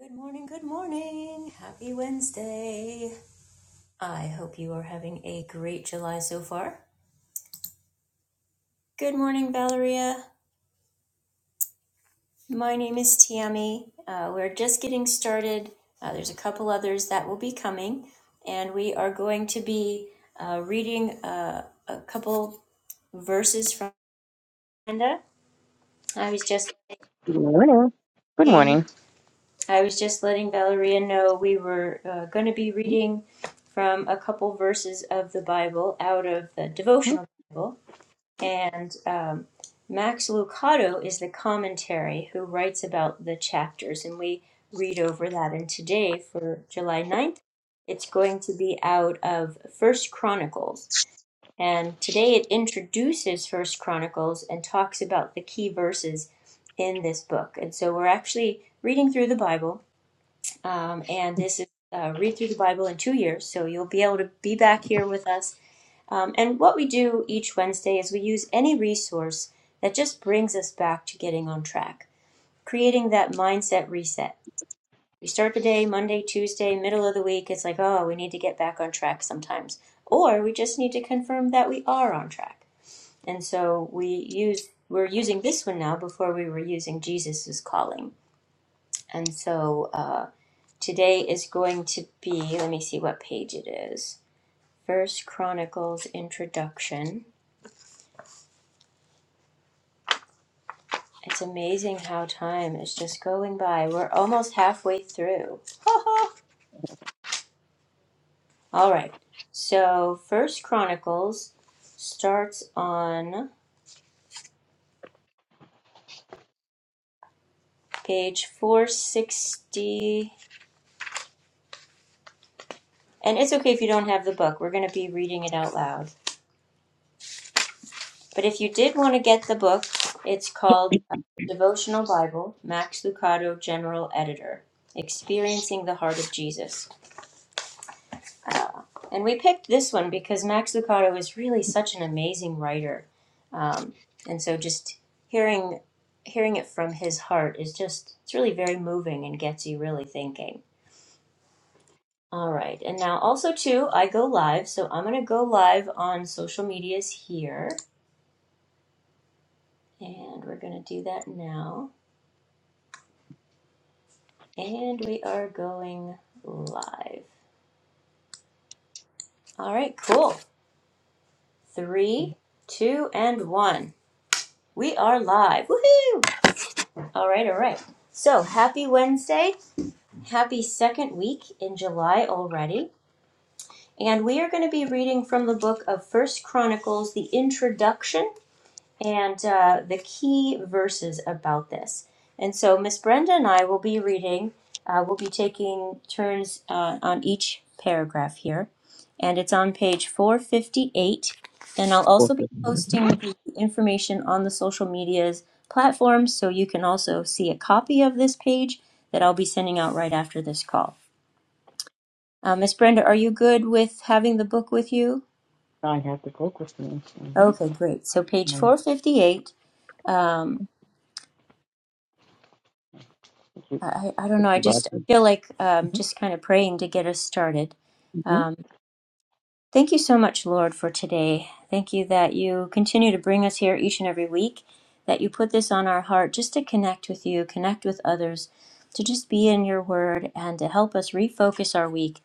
Good morning, good morning. Happy Wednesday. I hope you are having a great July so far. Good morning, Valeria. My name is Tiami. Uh, we're just getting started. Uh, there's a couple others that will be coming, and we are going to be uh, reading uh, a couple verses from Amanda. I was just Good morning. Good looking. morning. I was just letting Valeria know we were uh, going to be reading from a couple verses of the Bible out of the Mhm. devotional Bible. And um, Max Lucado is the commentary who writes about the chapters, and we read over that. And today, for July ninth, it's going to be out of First Chronicles. And today it introduces First Chronicles and talks about the key verses in this book. And so we're actually reading through the Bible um, and this is uh, read through the Bible in two years. So you'll be able to be back here with us. Um, and what we do each Wednesday is we use any resource that just brings us back to getting on track, creating that mindset reset. We start the day Monday, Tuesday, middle of the week. It's like, oh, we need to get back on track sometimes, or we just need to confirm that we are on track. And so we use we're using this one now before we were using Jesus's calling and so uh, today is going to be, let me see what page it is. First Chronicles introduction. It's amazing how time is just going by. We're almost halfway through. All right. So First Chronicles starts on page 460. And it's okay if you don't have the book. We're going to be reading it out loud. But if you did want to get the book, it's called uh, Devotional Bible, Max Lucado, General Editor Experiencing the Heart of Jesus. Uh, and we picked this one because Max Lucado is really such an amazing writer. Um, and so just hearing hearing it from his heart is just it's really very moving and gets you really thinking all right and now also too i go live so i'm going to go live on social medias here and we're going to do that now And we are going live. All right, cool. Three, two, and one. We are live. Woohoo! All right, all right. So happy Wednesday. Happy second week in July already. And we are going to be reading from the book of First Chronicles, the introduction and uh, the key verses about this. And so Miss Brenda and I will be reading, uh, we'll be taking turns uh, on each paragraph here. And it's on page 458. And I'll Four also be fifty. posting the information on the social medias platforms so you can also see a copy of this page that I'll be sending out right after this call. Uh, Miss Brenda, are you good with having the book with you? I have the go with me. Mm-hmm. Okay, great. So page 458. I, I don't know. I just feel like um, just kind of praying to get us started. Mm-hmm. Um, thank you so much, Lord, for today. Thank you that you continue to bring us here each and every week, that you put this on our heart just to connect with you, connect with others, to just be in your word and to help us refocus our week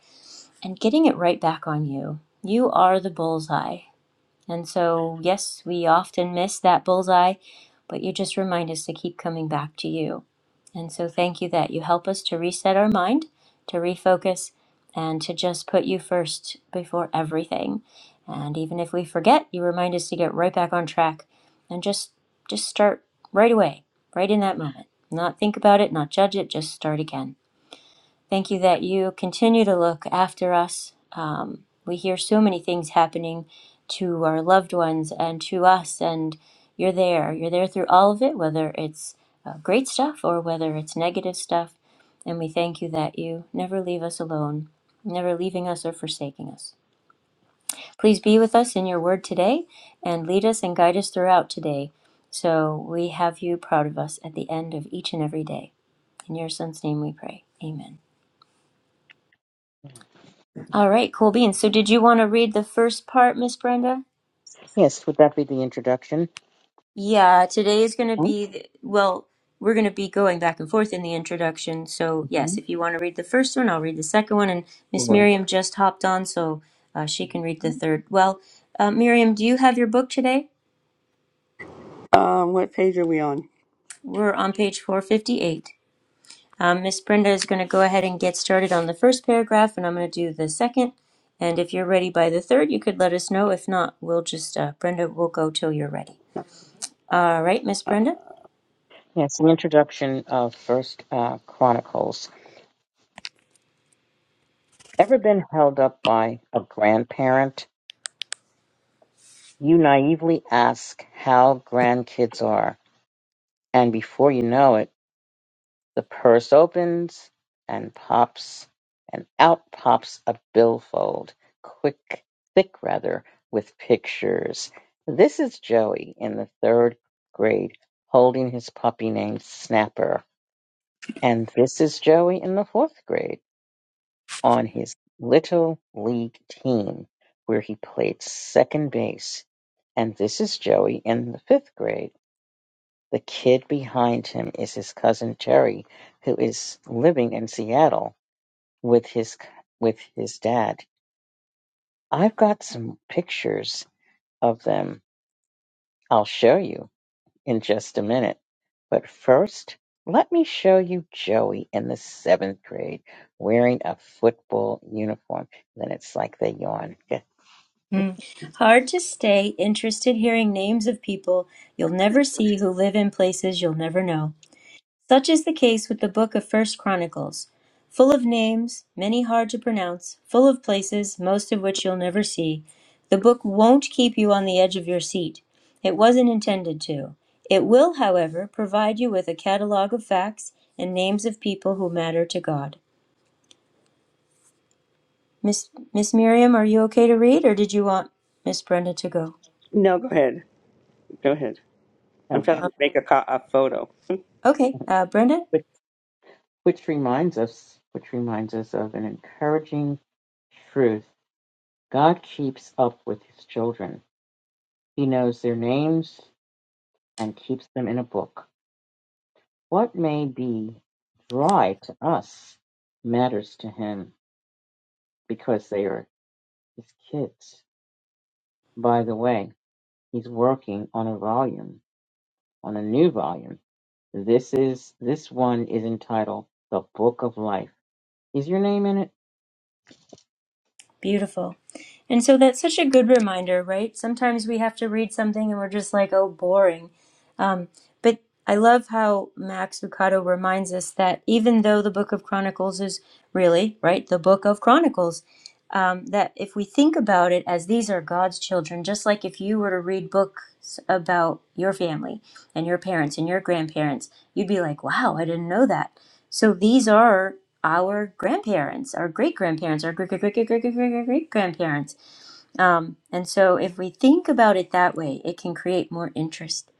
and getting it right back on you. You are the bullseye. And so, yes, we often miss that bullseye, but you just remind us to keep coming back to you. And so, thank you that you help us to reset our mind, to refocus, and to just put you first before everything. And even if we forget, you remind us to get right back on track and just just start right away, right in that moment. Not think about it, not judge it, just start again. Thank you that you continue to look after us. Um, we hear so many things happening to our loved ones and to us, and you're there. You're there through all of it, whether it's uh, great stuff or whether it's negative stuff. And we thank you that you never leave us alone, never leaving us or forsaking us. Please be with us in your word today and lead us and guide us throughout today. So we have you proud of us at the end of each and every day. In your son's name we pray. Amen. All right, cool beans. So, did you want to read the first part, Miss Brenda? Yes, would that be the introduction? Yeah, today is going to be, the, well, we're going to be going back and forth in the introduction. So, Mm-hmm. yes, if you want to read the first one, I'll read the second one. And Miss Sure. Miriam just hopped on, so uh, she can read the third. Well, uh, Miriam, do you have your book today? Um, what page are we on? We're on page 458. Um, Miss Brenda is going to go ahead and get started on the first paragraph, and I'm going to do the second. And if you're ready by the third, you could let us know. If not, we'll just, uh, Brenda will go till you're ready. All right, Miss Uh, Brenda. Yes, the introduction of First uh, Chronicles. Ever been held up by a grandparent? You naively ask how grandkids are, and before you know it. The purse opens and pops, and out pops a billfold, quick, thick rather, with pictures. This is Joey in the third grade holding his puppy named Snapper. And this is Joey in the fourth grade on his little league team where he played second base. And this is Joey in the fifth grade. The kid behind him is his cousin Terry, who is living in Seattle with his with his dad. I've got some pictures of them. I'll show you in just a minute. But first, let me show you Joey in the seventh grade wearing a football uniform. Then it's like they yawn. Yeah. Mm. Hard to stay interested hearing names of people you'll never see who live in places you'll never know. Such is the case with the book of First Chronicles, full of names, many hard to pronounce, full of places, most of which you'll never see. The book won't keep you on the edge of your seat. It wasn't intended to. It will, however, provide you with a catalog of facts and names of people who matter to God. Miss Miss Miriam, are you okay to read, or did you want Miss Brenda to go? no, go ahead. Go ahead. I'm Okay. trying Um, to make a, co- a photo. okay, uh, Brenda, Which, which reminds us, which reminds us of an encouraging truth. God keeps up with his children. He knows their names and keeps them in a book. What may be dry to us matters to him because they are his kids. By the way, he's working on a volume, on a new volume. This is this one is entitled The Book of Life. Is your name in it? beautiful. And so that's such a good reminder, right? Sometimes we have to read something and we're just like, oh, boring. But I love how Max Lucado reminds us that even though the Book of Chronicles is really, right, the Book of Chronicles, um, that if we think about it as these are God's children, just like if you were to read books about your family and your parents and your grandparents, you'd be like, wow, I didn't know that. So these are our grandparents, our great grandparents, our great great great great great great great great grandparents. Um, and so if we think about it that way, it can create more interest.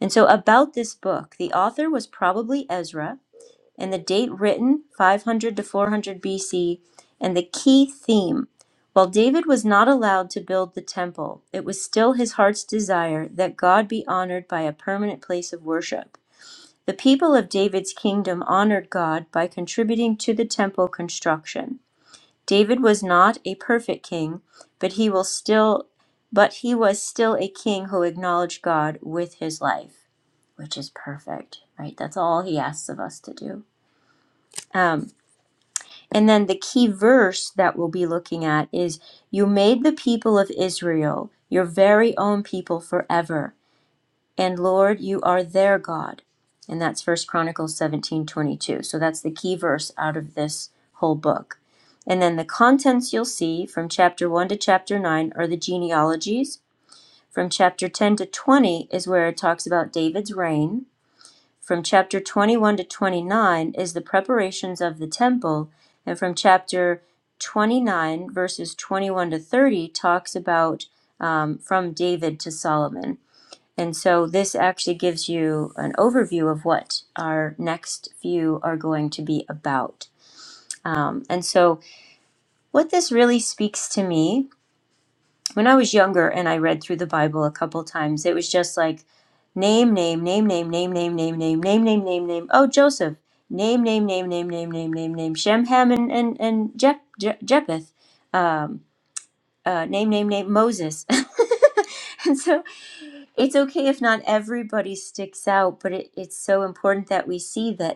And so about this book, the author was probably Ezra and the date written 500 to 400 BC and the key theme. While David was not allowed to build the temple, it was still his heart's desire that God be honored by a permanent place of worship. The people of David's kingdom honored God by contributing to the temple construction. David was not a perfect king, but he will still but he was still a king who acknowledged God with his life, which is perfect, right? That's all he asks of us to do. Um. And then the key verse that we'll be looking at is You made the people of Israel your very own people forever, and Lord, you are their God. And that's First Chronicles 17 22. So that's the key verse out of this whole book. And then the contents you'll see from chapter 1 to chapter 9 are the genealogies. From chapter 10 to 20 is where it talks about David's reign. From chapter 21 to 29 is the preparations of the temple, and from chapter 29, verses 21 to 30, talks about um, from David to Solomon. And so this actually gives you an overview of what our next few are going to be about. Um, and so, what this really speaks to me when I was younger and I read through the Bible a couple times, it was just like name, name, name, name, name, name, name, name, name, name, name, name. Oh, Joseph. Name, name, name, name, name, name, name, name. Shem, Ham, and and and Jep, Je- Jepheth. Um, uh, name, name, name. Moses. and so it's okay if not everybody sticks out, but it, it's so important that we see that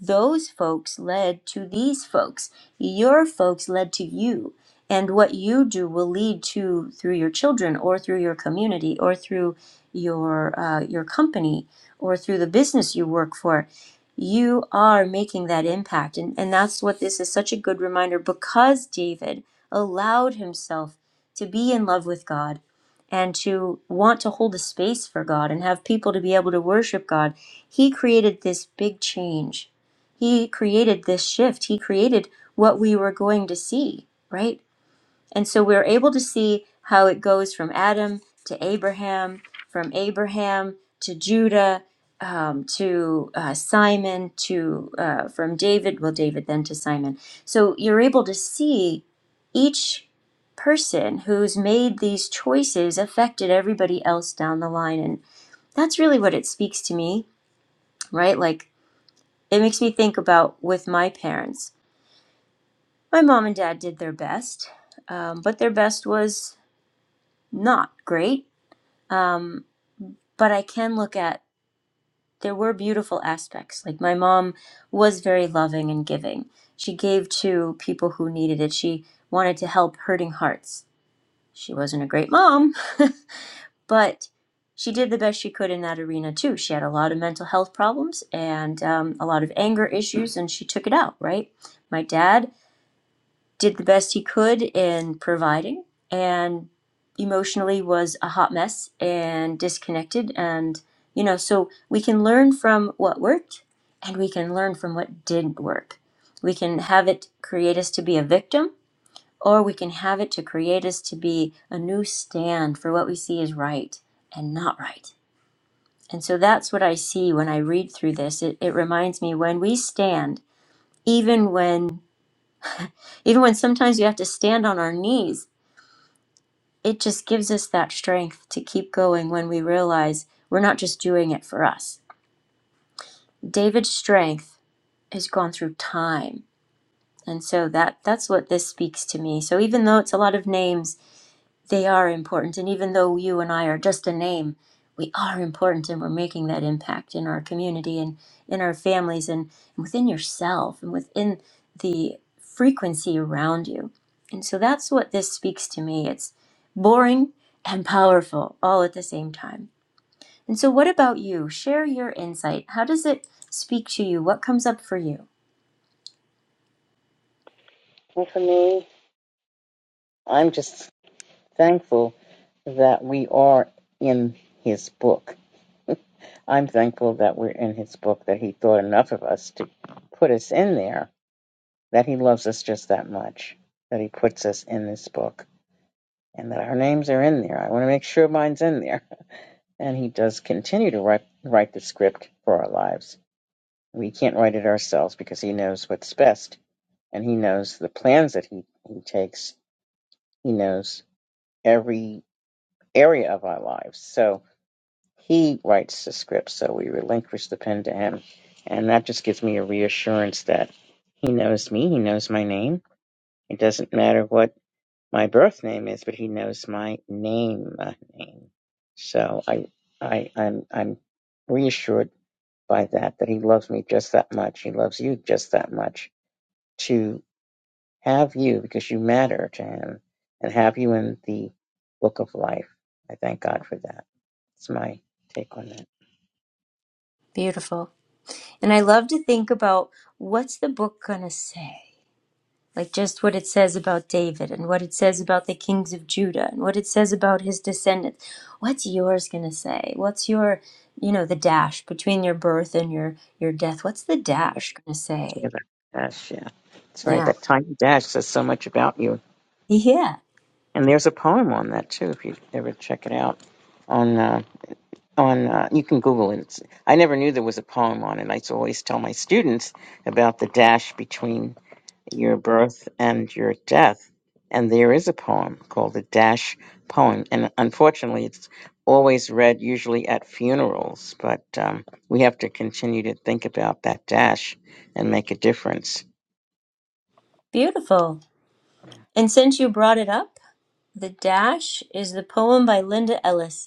those folks led to these folks. Your folks led to you. And what you do will lead to through your children or through your community or through your uh, your company or through the business you work for. You are making that impact. And, and that's what this is such a good reminder because David allowed himself to be in love with God and to want to hold a space for God and have people to be able to worship God. He created this big change he created this shift. He created what we were going to see, right? And so we're able to see how it goes from Adam to Abraham, from Abraham to Judah, um, to uh, Simon, to uh, from David, well, David then to Simon. So you're able to see each person who's made these choices affected everybody else down the line. And that's really what it speaks to me, right? Like it makes me think about with my parents my mom and dad did their best, um, but their best was not great. Um, but I can look at there were beautiful aspects. Like my mom was very loving and giving. She gave to people who needed it. She wanted to help hurting hearts. She wasn't a great mom, but she did the best she could in that arena too. She had a lot of mental health problems and um, a lot of anger issues, and she took it out, right? My dad did the best he could in providing and emotionally was a hot mess and disconnected and you know so we can learn from what worked and we can learn from what didn't work we can have it create us to be a victim or we can have it to create us to be a new stand for what we see is right and not right and so that's what i see when i read through this it, it reminds me when we stand even when even when sometimes we have to stand on our knees it just gives us that strength to keep going when we realize we're not just doing it for us. David's strength has gone through time. And so that that's what this speaks to me. So even though it's a lot of names they are important. And even though you and I are just a name, we are important and we're making that impact in our community and in our families and, and within yourself and within the frequency around you. And so that's what this speaks to me. It's boring and powerful all at the same time. And so, what about you? Share your insight. How does it speak to you? What comes up for you? Well, for me, I'm just thankful that we are in his book. I'm thankful that we're in his book, that he thought enough of us to put us in there that he loves us just that much, that he puts us in this book, and that our names are in there. I want to make sure mine's in there. And he does continue to write, write the script for our lives. We can't write it ourselves because he knows what's best, and he knows the plans that he, he takes. He knows every area of our lives. So he writes the script, so we relinquish the pen to him. And that just gives me a reassurance that he knows me, he knows my name. It doesn't matter what my birth name is, but he knows my name. uh, name. So I, I, I'm, I'm reassured by that that he loves me just that much. He loves you just that much to have you because you matter to him and have you in the book of life. I thank God for that. That's my take on that. Beautiful. And I love to think about what's the book going to say? like just what it says about David and what it says about the kings of Judah and what it says about his descendants. What's yours going to say? What's your, you know, the dash between your birth and your your death? What's the dash going to say? Yeah, that dash, yeah. That's right. Yeah. That tiny dash says so much about you. Yeah. And there's a poem on that too, if you ever check it out. on. uh, on uh, you can google it It's- i never knew there was a poem on it i used to always tell my students about the dash between your birth and your death and there is a poem called the dash poem and unfortunately it's always read usually at funerals but um, we have to continue to think about that dash and make a difference Beautiful. And since you brought it up, the dash is the poem by Linda Ellis.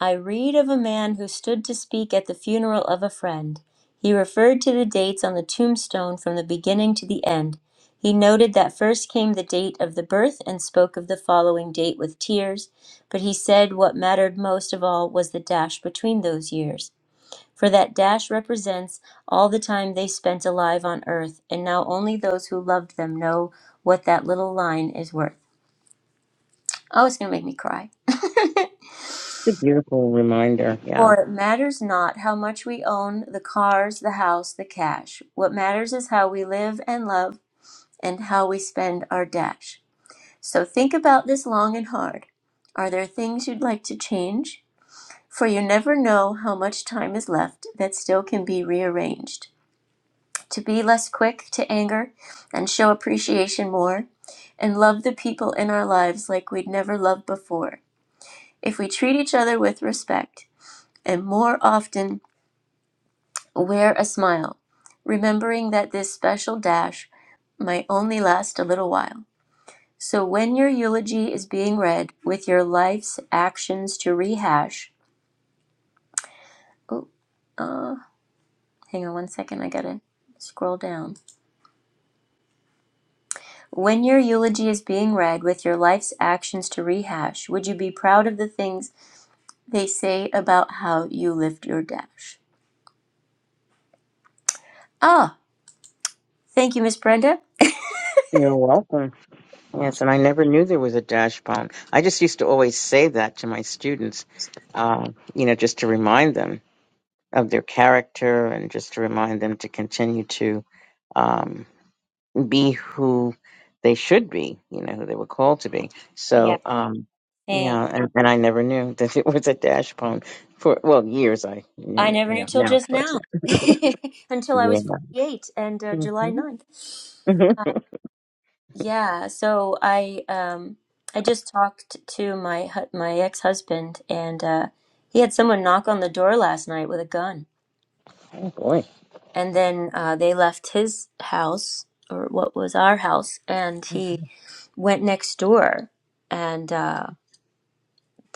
I read of a man who stood to speak at the funeral of a friend. He referred to the dates on the tombstone from the beginning to the end. He noted that first came the date of the birth and spoke of the following date with tears, but he said what mattered most of all was the dash between those years. For that dash represents all the time they spent alive on earth, and now only those who loved them know what that little line is worth. Oh, it's going to make me cry. it's a beautiful reminder yeah For it matters not how much we own the cars, the house, the cash. What matters is how we live and love and how we spend our dash. So think about this long and hard. Are there things you'd like to change? For you never know how much time is left that still can be rearranged. To be less quick to anger and show appreciation more, and love the people in our lives like we'd never loved before. If we treat each other with respect, and more often Wear a smile, remembering that this special dash might only last a little while. So when your eulogy is being read with your life's actions to rehash, oh, uh, hang on one second, I gotta scroll down. When your eulogy is being read with your life's actions to rehash, would you be proud of the things they say about how you lived your dash? Ah, thank you, Miss Brenda. you're welcome Yes, and I never knew there was a dash bomb. I just used to always say that to my students, uh, you know, just to remind them of their character and just to remind them to continue to um, be who they should be, you know, who they were called to be. Yeah. So, um, Thanks. yeah, and, and I never knew that it was a dash bomb for, well, years I I knew, you never knew till now, of just course. now, until I was Yeah. 48 and uh, July ninth. hmm hmm Yeah, so I um I just talked to my hu- my ex-husband and uh he had someone knock on the door last night with a gun. Oh, boy. And then uh they left his house or what was our house and Oh, he went next door. And uh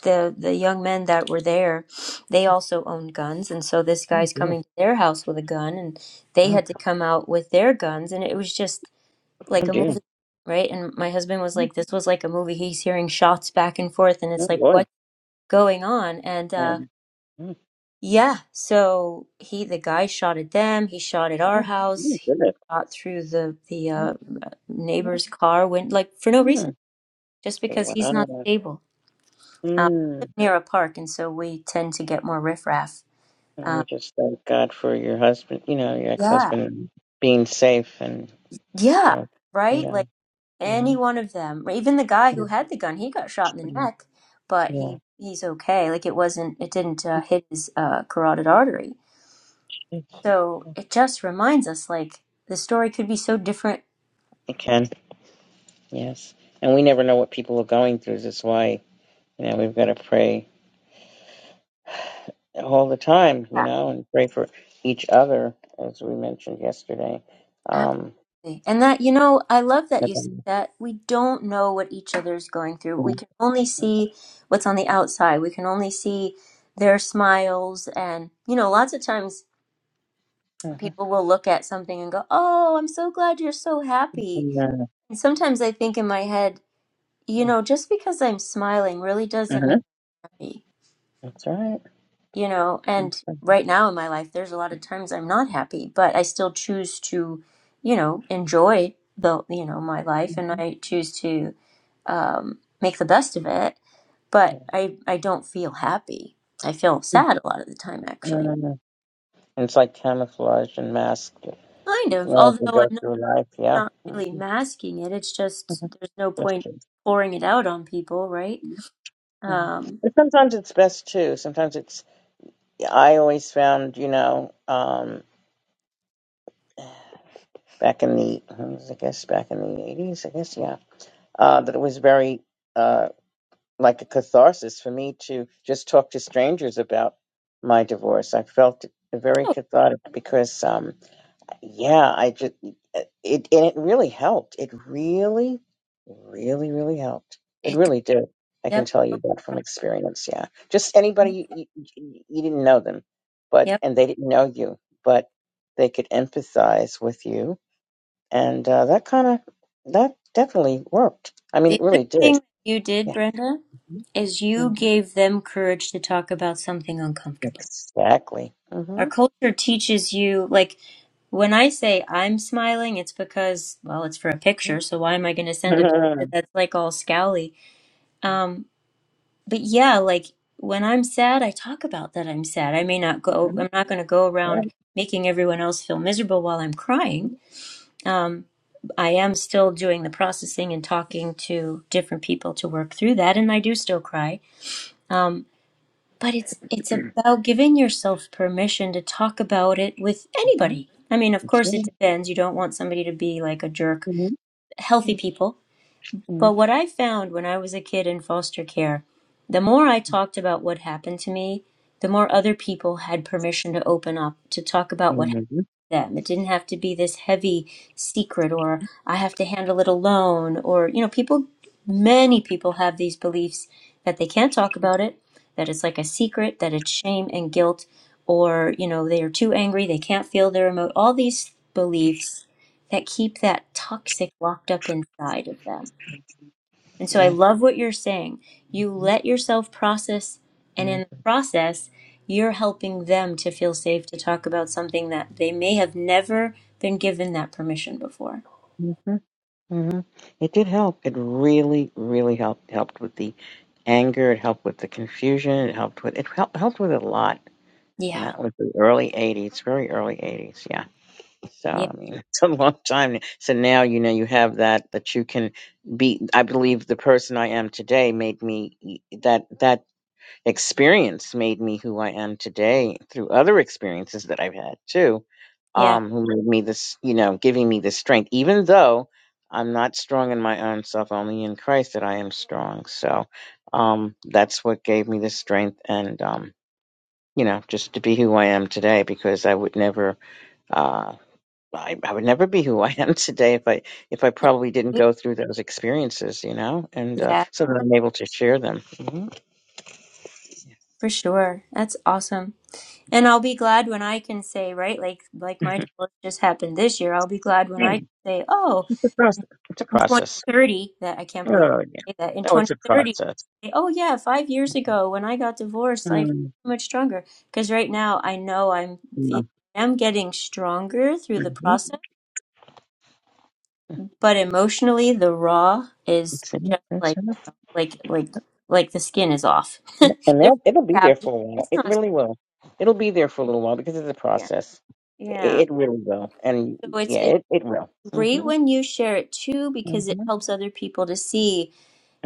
the the young men that were there, they also owned guns, and so this guy's dear. coming to their house with a gun, and they Wow. had to come out with their guns, and it was just Oh, like a dear. movie, right? And my husband was like, "This was like a movie." He's hearing shots back and forth, and Oh, it's like, boy. "What's going on?" And uh, And yeah, so he the guy shot at them. He shot at our Mm, house. mm, He Goodness. shot through the the Mm, uh, mm, neighbor's car, went like for no reason, mm. just because he's not Wow. stable uh, we Mm. live near a park, and so we tend to get more riffraff. And Um, just thank God for your husband, you know, your ex Yeah. husband being safe and, you yeah, know, you right? know. Like any mhm, one of them. Even the guy Yeah. who had the gun, he got shot in the Yeah. neck, but yeah. he he's okay. Like it wasn't, it didn't uh, hit his uh, carotid artery. it's- So it just reminds us, like the story could be so different. It can, yes. And we never know what people are going through. That's why, you know, we've got to pray all the time, you know, and pray for each other, as we mentioned yesterday. Um, Absolutely. And that, you know, I love that but, you said um, that. We don't know what each other's going through. yeah. We can only see what's on the outside. We can only see their smiles. And, you know, lots of times Mhm. people will look at something and go, Oh, I'm so glad you're so happy. Yeah. And sometimes I think in my head, you Uh-huh. know, just because I'm smiling really doesn't mean uh-huh, happy. That's right. you know Mm-hmm. and right now in my life there's a lot of times i'm not happy but i still choose to you know enjoy the you know my life and Mhm. i choose to um, make the best of it Yeah. but i i don't feel happy i feel sad a lot of the time actually Mm. It's like camouflage and masked kind You of as we although i'm go not, through life, yeah. not Mm. really masking it it's just Mhm. there's no That's point true. pouring it out on people right Mm. um But sometimes it's best too. Sometimes it's. I always found, you know, um, back in the, I guess, back in the eighties, I guess, yeah, uh, that it was very uh, like a catharsis for me to just talk to strangers about my divorce. I felt very oh, cathartic because. um, yeah, I just it and it really helped. It really, really, really helped. It it, really did. I can yep tell you that from experience. Yeah, just anybody you, you, you didn't know them, but yep and they didn't know you, but they could empathize with you, and uh, that kind of that definitely worked. I mean, it the other really thing did. that you did Yeah, brenda is you Mhm. gave them courage to talk about something uncomfortable. exactly. Our hmm culture teaches you, like, when I say I'm smiling, it's because, well, it's for a picture, so why am I going to send a picture that's like all scowly? Um, but yeah, like, when I'm sad, I talk about that I'm sad. I may not go, Mhm. I'm not going to go around Right. making everyone else feel miserable while I'm crying. Mhm. Um, I am still doing the processing and talking to different people to work through that, and I do still cry. Um, but it's it's about giving yourself permission to talk about it with anybody i mean of course Sure. it depends you don't want somebody to be like a jerk Mhm. healthy people but what i found when i was a kid in foster care the more i talked about what happened to me the more other people had permission to open up to talk about what Mhm. them. It didn't have to be this heavy secret or I have to handle it alone or, you know, people, many people have these beliefs that they can't talk about it, that it's like a secret, that it's shame and guilt, or, you know, they are too angry, they can't feel their emo All these beliefs that keep that toxic locked up inside of them. And so I Yeah. love what you're saying. You Mhm. let yourself process, and in the process, you're helping them to feel safe to talk about something that they may have never been given that permission before. Mhm. Mhm. It did help. It really, really helped. Helped with the anger. It helped with the confusion. It helped with it helped helped with a lot. And Yeah. that was the early '80s, very early '80s. Yeah. So Yeah. I mean, it's a long time. So now you know you have that that you can be. I believe the person I am today made me that that. experience made me who I am today through other experiences that I've had too, Yeah. um, who made me this, you know, giving me this strength, even though I'm not strong in my own self, only in Christ that I am strong. So um, that's what gave me the strength and, um, you know, just to be who I am today because I would never. Uh, I, I would never be who I am today if I if I probably didn't go through those experiences, you know, and uh, Yeah, so that I'm able to share them. for sure. That's awesome. And I'll be glad when I can say, right, like like my Mhm. divorce just happened this year. I'll be glad when I can say, "Oh, It's a process. It's a in process. 2030 that I can't believe Oh yeah. I say that in Oh, it's a 2030, process. say, oh yeah, five years ago when I got divorced, I feel Mm, so much stronger because right now I know I'm no. fe- I'm getting stronger through the Mhm. process, but emotionally the raw is It's in just it. It's like in it. like like like the skin is off. And There's and no it'll, it'll be scab. there for a while. It's It not. really will. It'll be there for a little while because it's a Yeah, process. yeah. It, it really will. And So it's yeah, it's it, it will. great hmm when you share it too because it hmm helps other people to see.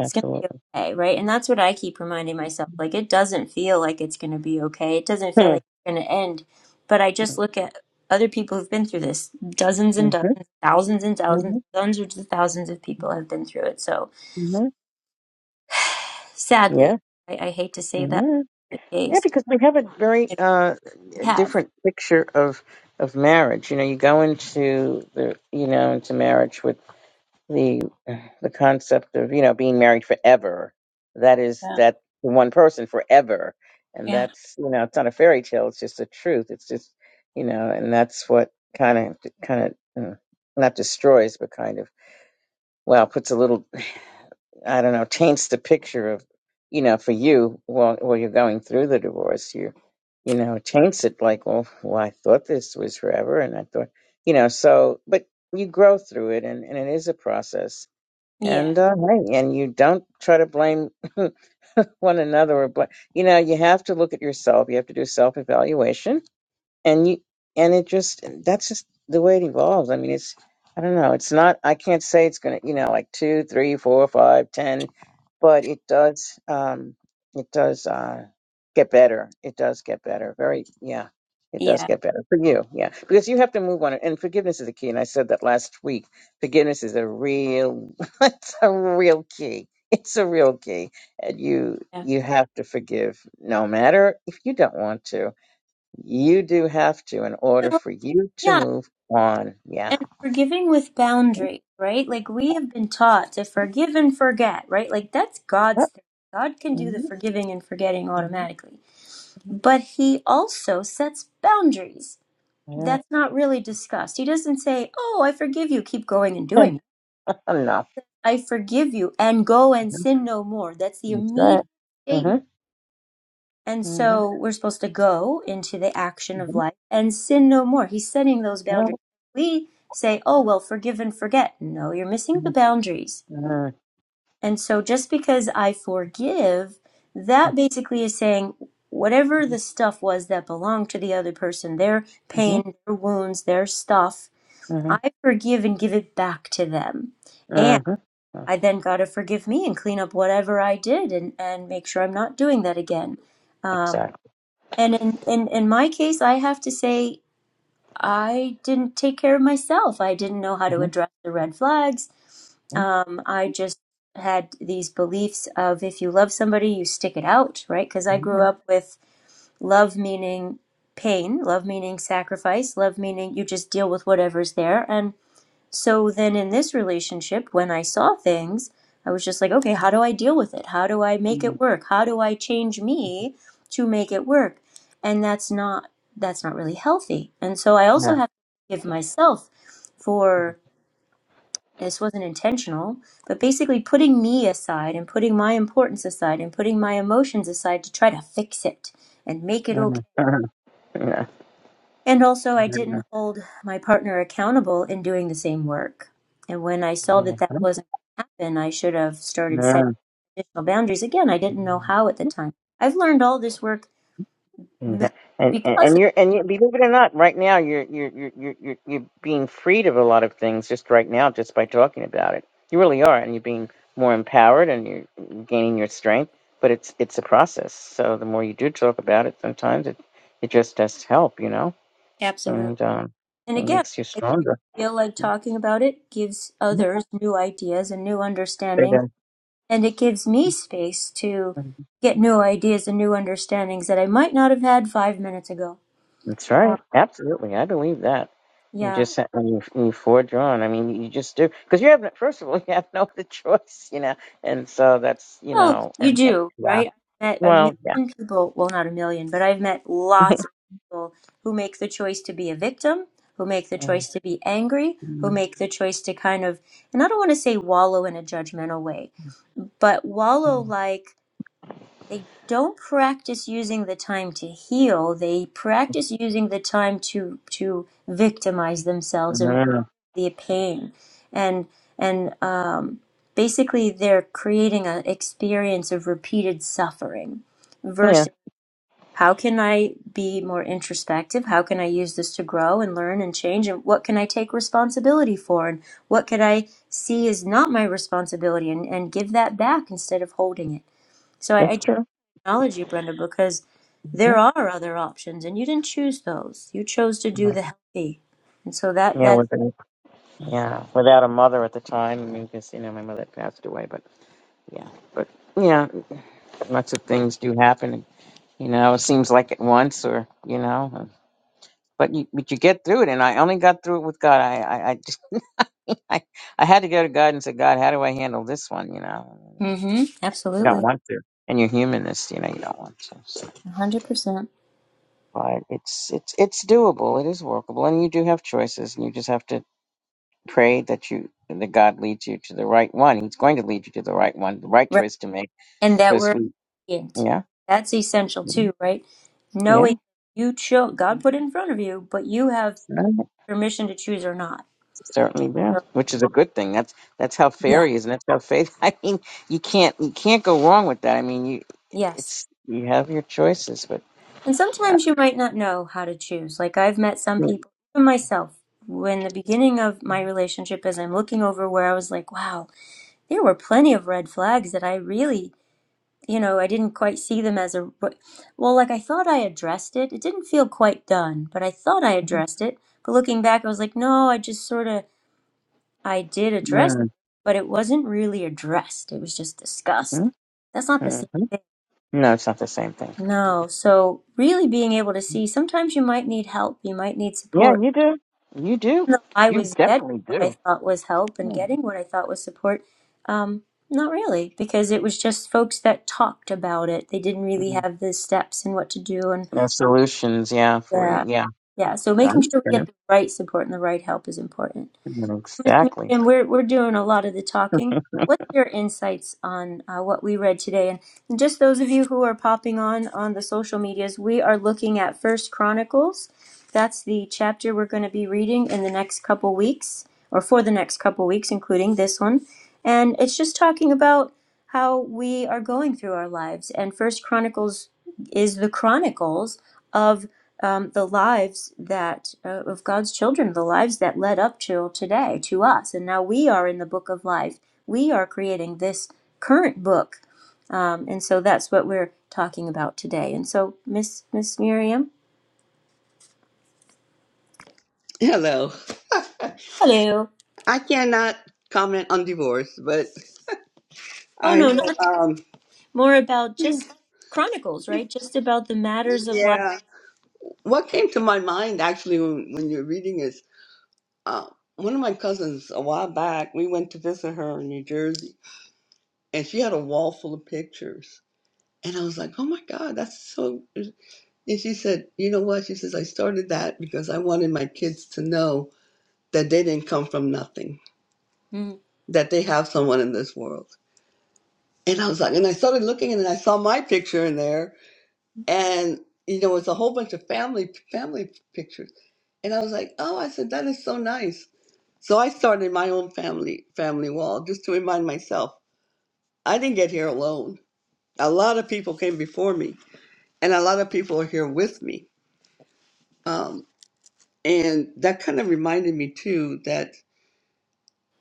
it's going to be okay, right? And that's what I keep reminding myself. Like, it doesn't feel like it's going to be okay. It doesn't feel like Mm-hmm. it's going to end. But I just look at other people who've been through this. Dozens and hmm dozens, thousands and thousands, hmm hundreds of thousands of people have been through it. So hmm Yeah. sadly, I, I hate to say that's hmm the Yeah, case, because we have a very but uh, we have. different picture of of marriage. You know, you go into the you know into marriage with the the concept of you know being married forever that is Yeah. that to one person forever and Yeah. that's you know it's not a fairy tale it's just the truth it's just you know and that's what kind of kind of mm, not destroys but kind of well puts a little i don't know taints the picture of you know for you while while you're going through the divorce you you know taints it like well, well i thought this was forever and i thought you know so but you grow through it and, and it is a process Yeah. and uh, hey, and you don't try to blame one another or blame. You know, you have to look at yourself. You have to do self evaluation and you and it just that's just the way it evolves i mean it's i don't know it's not i can't say it's gonna you know like two three four five ten but it does um it does uh get better it does get better very yeah it does Yeah. get better for you yeah because you have to move on and forgiveness is the key and i said that last week forgiveness is a real it's a real key it's a real key and you you have to forgive no matter if you don't want to you do have to in order Yeah. for you to Yeah. move on. Yeah. and forgiving with boundaries, right? Like we have been taught to forgive and forget, right? Like that's God's thing. God can do the forgiving and forgetting automatically. But he also sets boundaries. Yeah. That's not really discussed. He doesn't say, "Oh, I forgive you, keep going and doing it. Enough. I forgive you and go and sin no more." That's the That's right. immediate statement Mm-hmm. And Mm-hmm. so we're supposed to go into the action of Mm-hmm. life and sin no more. He's setting those boundaries. We say, oh, well, forgive and forget. No, you're missing the boundaries. And so just because I forgive, that basically is saying whatever the stuff was that belonged to the other person, their pain, their wounds, their stuff, I forgive and give it back to them. And I then got to forgive me and clean up whatever I did and, and make sure I'm not doing that again. Um, Exactly. and in, in, in my case, I have to say, I didn't take care of myself. I didn't know how to Mhm. address the red flags. Mhm. Um, I just had these beliefs of if you love somebody, you stick it out, right? Because I grew up with love meaning pain, love meaning sacrifice, love meaning you just deal with whatever's there. And so then in this relationship, when I saw things, I was just like, okay, how do I deal with it? How do I make Mhm. it work? How do I change me to make it work? And that's not that's not really healthy. And so I Yeah. also have to give myself Mhm. for this wasn't intentional, but basically putting me aside and putting my importance aside and putting my emotions aside to try to fix it and make it okay Mhm. Mhm. and also, I didn't hold my partner accountable in doing the same work. And when I saw that that wasn't going to happen, I should have started setting Mhm. additional boundaries. Again, I didn't Mhm. know how at the time. I've learned all this work Mhm. And, and because and of you're her. and you, believe it or not, right now you're you're you're you're you're you're being freed of a lot of things just right now just by talking about it. You really are, and you're being more empowered and you're gaining your strength. But it's it's a process. So the more you do talk about it, sometimes it it just does help, you know, Absolutely. and um, And it again, makes you I do stronger. feel like talking about it gives Mhm. others new ideas and new They understanding. do. And it gives me space to Mhm. get new ideas and new understandings that I might not have had five minutes ago. That's Uh, right. Absolutely, I believe that. You yeah. just have- when you when you forge on. I mean, you just do because you have no- first of all you have no other choice, you know, and so that's you Well, know, you and, and do, yeah, right? I've met a well, yeah, million people, well, not a million, but I've met lots of people who make the choice to be a victim, who make the Mm, choice to be angry, who mm, make the choice to kind of, and I don't want to say wallow in a judgmental way, but wallow mm. like they don't practice using the time to heal. They practice using the time to to victimize themselves and Mm, the pain and and um, basically they're creating an experience of repeated suffering yeah, versus how can i be more introspective how can i use this to grow and learn and change and what can i take responsibility for and what could i see is not my responsibility and, and give that back instead of holding it so I, I that's just true. acknowledge you brenda because Mm, there are other options and you didn't choose those you chose to do mm. the healthy and so that Yeah, that with a, yeah, without a mother at the time, I mean, because you know my mother passed away, but yeah, but yeah, lots of things do happen, and, you know, it seems like at once or you know, but you but you get through it, and I only got through it with God. I I, I, I had to go to God and say, God, how do I handle this one? You know, and like, mm-hmm, you absolutely don't want to. And you're humanist, you know, you don't want to. So, 100%. but it's it's it's doable. It is workable, and you do have choices, and you just have to pray that you that God leads you to the right one. He's going to lead you to the right one, the right Right. choice to make, And that because we're we, obedient. yeah, Right? That's essential too, right? yeah. Knowing you chose, God put it in front of you, but you have Right. permission to choose or not. Certainly do, So, which is a good thing. That's that's how fair yeah. he is, and that's how faith. I mean, you can't you can't go wrong with that. I mean, you Yes. it's you have your choices, but And sometimes Yeah. you might not know how to choose. Like I've met some people, even myself, when the beginning of my relationship, as I'm looking over where I was like, wow, there were plenty of red flags that I really you know, I didn't quite see them as a well, like I thought I addressed it. It didn't feel quite done, but I thought I addressed it. But looking back, I was like, no, I just sort of I did address, it, Mm-hmm. but it wasn't really addressed. It was just discussed. That's not the same hmm thing. No, it's not the same thing. No. So really being able to see, sometimes you might need help, you might need support Yeah, you do. You do. though I You was getting definitely what I do. thought was help and getting what I thought was support, um, not really, because it was just folks that talked about it. They didn't really Mm-hmm. have the steps and what to do, and No solutions, yeah, for you. yeah, Yeah. yeah. So I making sure we understand. get the right support and the right help is important. Mhm, Miss Exactly. Miriam, we're we're doing a lot of the talking. What's your insights on uh, what we read today? And and just those of you who are popping on on the social medias, we are looking at First Chronicles. That's the chapter we're going to be reading in the next couple weeks, or for the next couple weeks, including this one. And it's just talking about how we are going through our lives. And First Chronicles is the chronicles of um, the lives that uh, of God's children, the lives that led up till today to us, and now we are in the book of life. We are creating this current book, um, and so that's what we're talking about today. And so, Miss Miss Miriam, Hello. hello. I cannot comment on divorce, but Oh I no, will, not um more about just chronicles, right? Just about the matters of life. yeah. What came to my mind actually when, when you're reading is uh, one of my cousins a while back, we went to visit her in New Jersey and she had a wall full of pictures. And I was like, "Oh my god, that's so And she said, You know what? She says, I started that because I wanted my kids to know that they didn't come from nothing, Mm, that they have someone in this world. And I was like, and I started looking and I saw my picture in there. And, you know, it's a whole bunch of family family pictures. And I was like, oh, I said, that is so nice. So I started my own family family wall just to remind myself I didn't get here alone. A lot of people came before me, and a lot of people are here with me. Um, And that kind of reminded me too that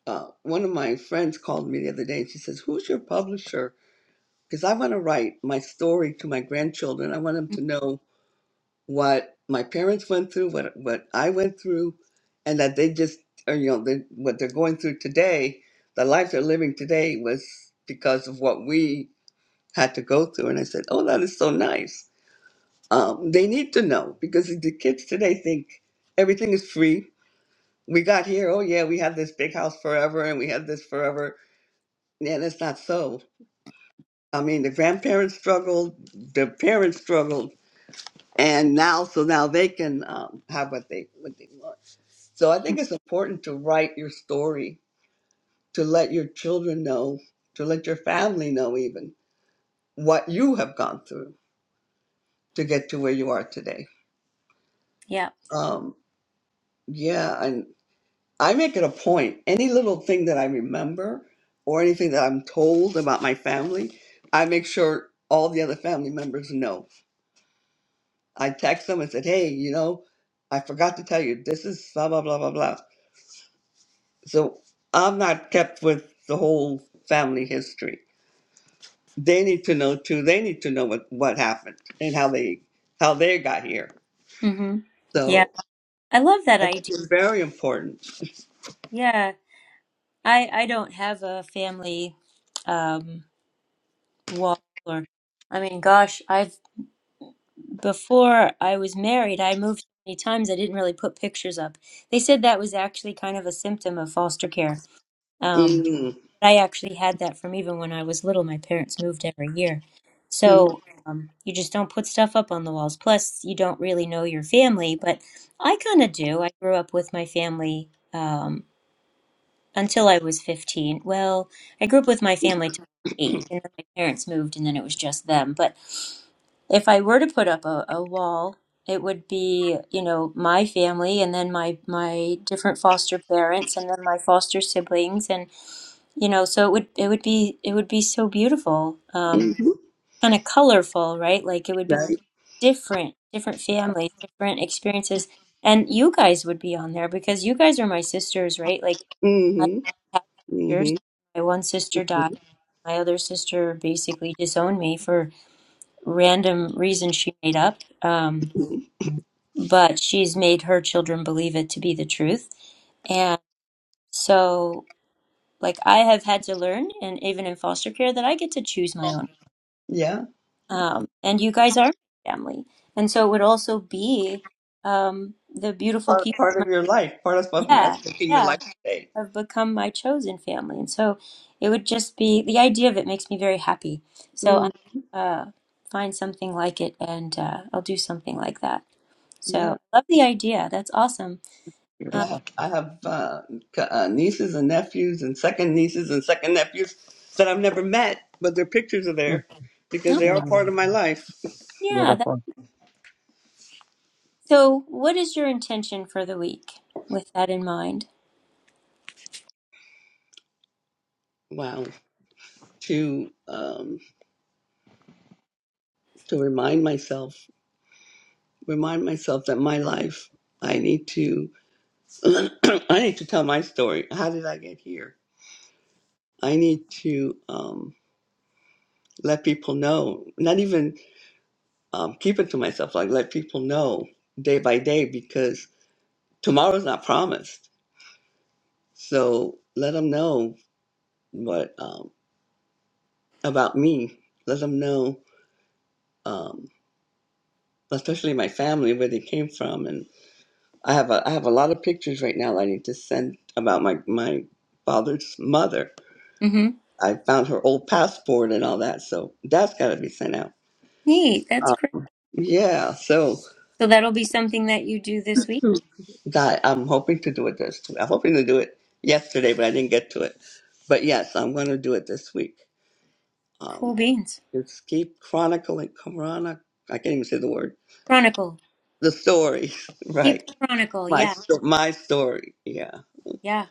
uh, one of my friends called me the other day and she says, Who's your publisher? Because I want to write my story to my grandchildren. I want them to know what my parents went through, what, what I went through, and that they just, or, you know, they, what they're going through today, the life they're living today was because of what we had to go through. And I said, Oh, that is so nice. Um, they need to know because the kids today think everything is free we got here, oh yeah, we have this big house forever and we have this forever. And it's not so. I mean, the grandparents struggled, the parents struggled, and now, so now they can um, have what they what they want. So I think it's important to write your story, to let your children know, to let your family know even what you have gone through to get to where you are today. yeah. Um, yeah, and I make it a point. Any little thing that I remember or anything that I'm told about my family, I make sure all the other family members know. I text them and said, hey, you know, I forgot to tell you, this is blah, blah, blah, blah, blah. So I'm not kept with the whole family history. They need to know too. They need to know what, what happened and how they how they got here. Mm-hmm. Yeah. So I love that I think idea. it's very important. Yeah. I I don't have a family. Um, Waller. I mean, gosh, I've before I was married, I moved so many times I didn't really put pictures up. They said that was actually kind of a symptom of foster care. Um, Mm-hmm. but I actually had that from even when I was little. My parents moved every year. So, um, you just don't put stuff up on the walls. Plus, you don't really know your family, but I kind of do. I grew up with my family. Um, until I was 15. Well, I grew up with my family till eight, and then my parents moved, and then it was just them. But if I were to put up a, a wall, it would be, you know, my family and then my my different foster parents and then my foster siblings and you know, so it would it would be it would be so beautiful. Um Mm-hmm. kind of colorful, right? Like it would be Right. different, different families, different experiences. And you guys would be on there because you guys are my sisters, right? Like I Mm-hmm. had sisters. Mm-hmm. My one sister died. My other sister basically disowned me for random reasons she made up. Um, Mhm. but she's made her children believe it to be the truth. And so, like, I have had to learn, and even in foster care, that I get to choose my own. Yeah, Um, and you guys are my family. And so it would also be um, the beautiful part people. in part of your life, part of my- what yeah, that's your yeah. life today. have become my chosen family. And so it would just be the idea of it makes me very happy. So Mm, I'm uh find something like it and uh, I'll do something like that. So yeah, I love the idea. That's awesome. and Um, I have Beautiful. I have uh, c- uh, nieces and nephews and second nieces and second nephews that I've never met, but their pictures are there because oh, they are Mm-hmm. part of my life. yeah. That, Beautiful. so what is your intention for the week with that in mind? Wow, to um, to remind myself, remind myself that my life, I need to, I need to tell my story. How did I get here? I need to um, let people know. Not even um, keep it to myself, like let people know day by day because tomorrow's not promised. So let them know what um, about me. Let them know, um, especially my family, where they came from, and I have a I have a lot of pictures right now. that I need to send about my my father's mother. Mm-hmm. I found her old passport and all that, so that's got to be sent out. Neat. That's Uh, great. yeah, so So that'll be something that you do this week. God, I'm hoping to do it this. I'm hoping to do it yesterday, but I didn't get to it. But yes, I'm going to do it this week. Cool Um, beans. just keep chronicling, chronic. I can't even say the word. Chronicle. The story, Keep the right? chronicle. My Yeah. sto- my story. Yeah, Yeah.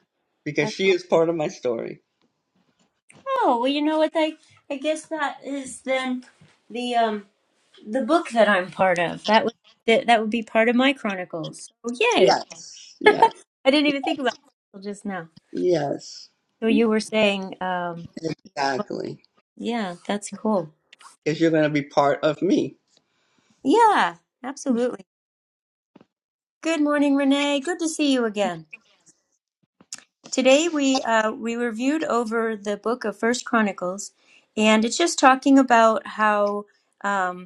because That's, she is part of my story. oh, well, you know what? I, I guess that is then the, um, the book that I'm part of. That would that, that would be part of my chronicles. So yay! Yes, yes, I didn't even think about it until just now. yes. So you were saying, um, well, Exactly, yeah, that's cool. because you're going to be part of me. Yeah, absolutely. Good morning, Renee. Good to see you again. Today we uh, we reviewed over the book of First Chronicles, and it's just talking about how. um,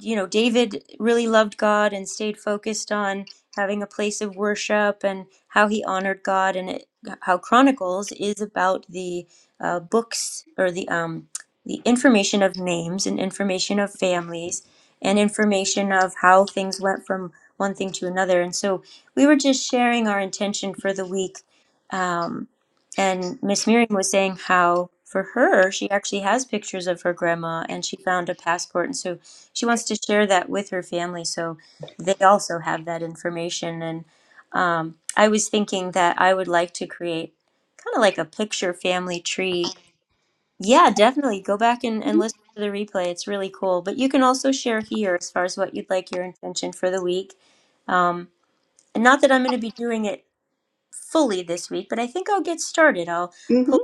you know, David really loved God and stayed focused on having a place of worship and how he honored God, and it, how Chronicles is about the uh, books or the um, the information of names and information of families and information of how things went from one thing to another. And so we were just sharing our intention for the week. Um, and Miss Miriam was saying how for her, she actually has pictures of her grandma and she found a passport. And so she wants to share that with her family so they also have that information and um, i was thinking that i would like to create kind of like a picture family tree yeah definitely go back and, and listen to the replay it's really cool but you can also share here as far as what you'd like your intention for the week um, and not that i'm going to be doing it fully this week but i think i'll get started i'll hmm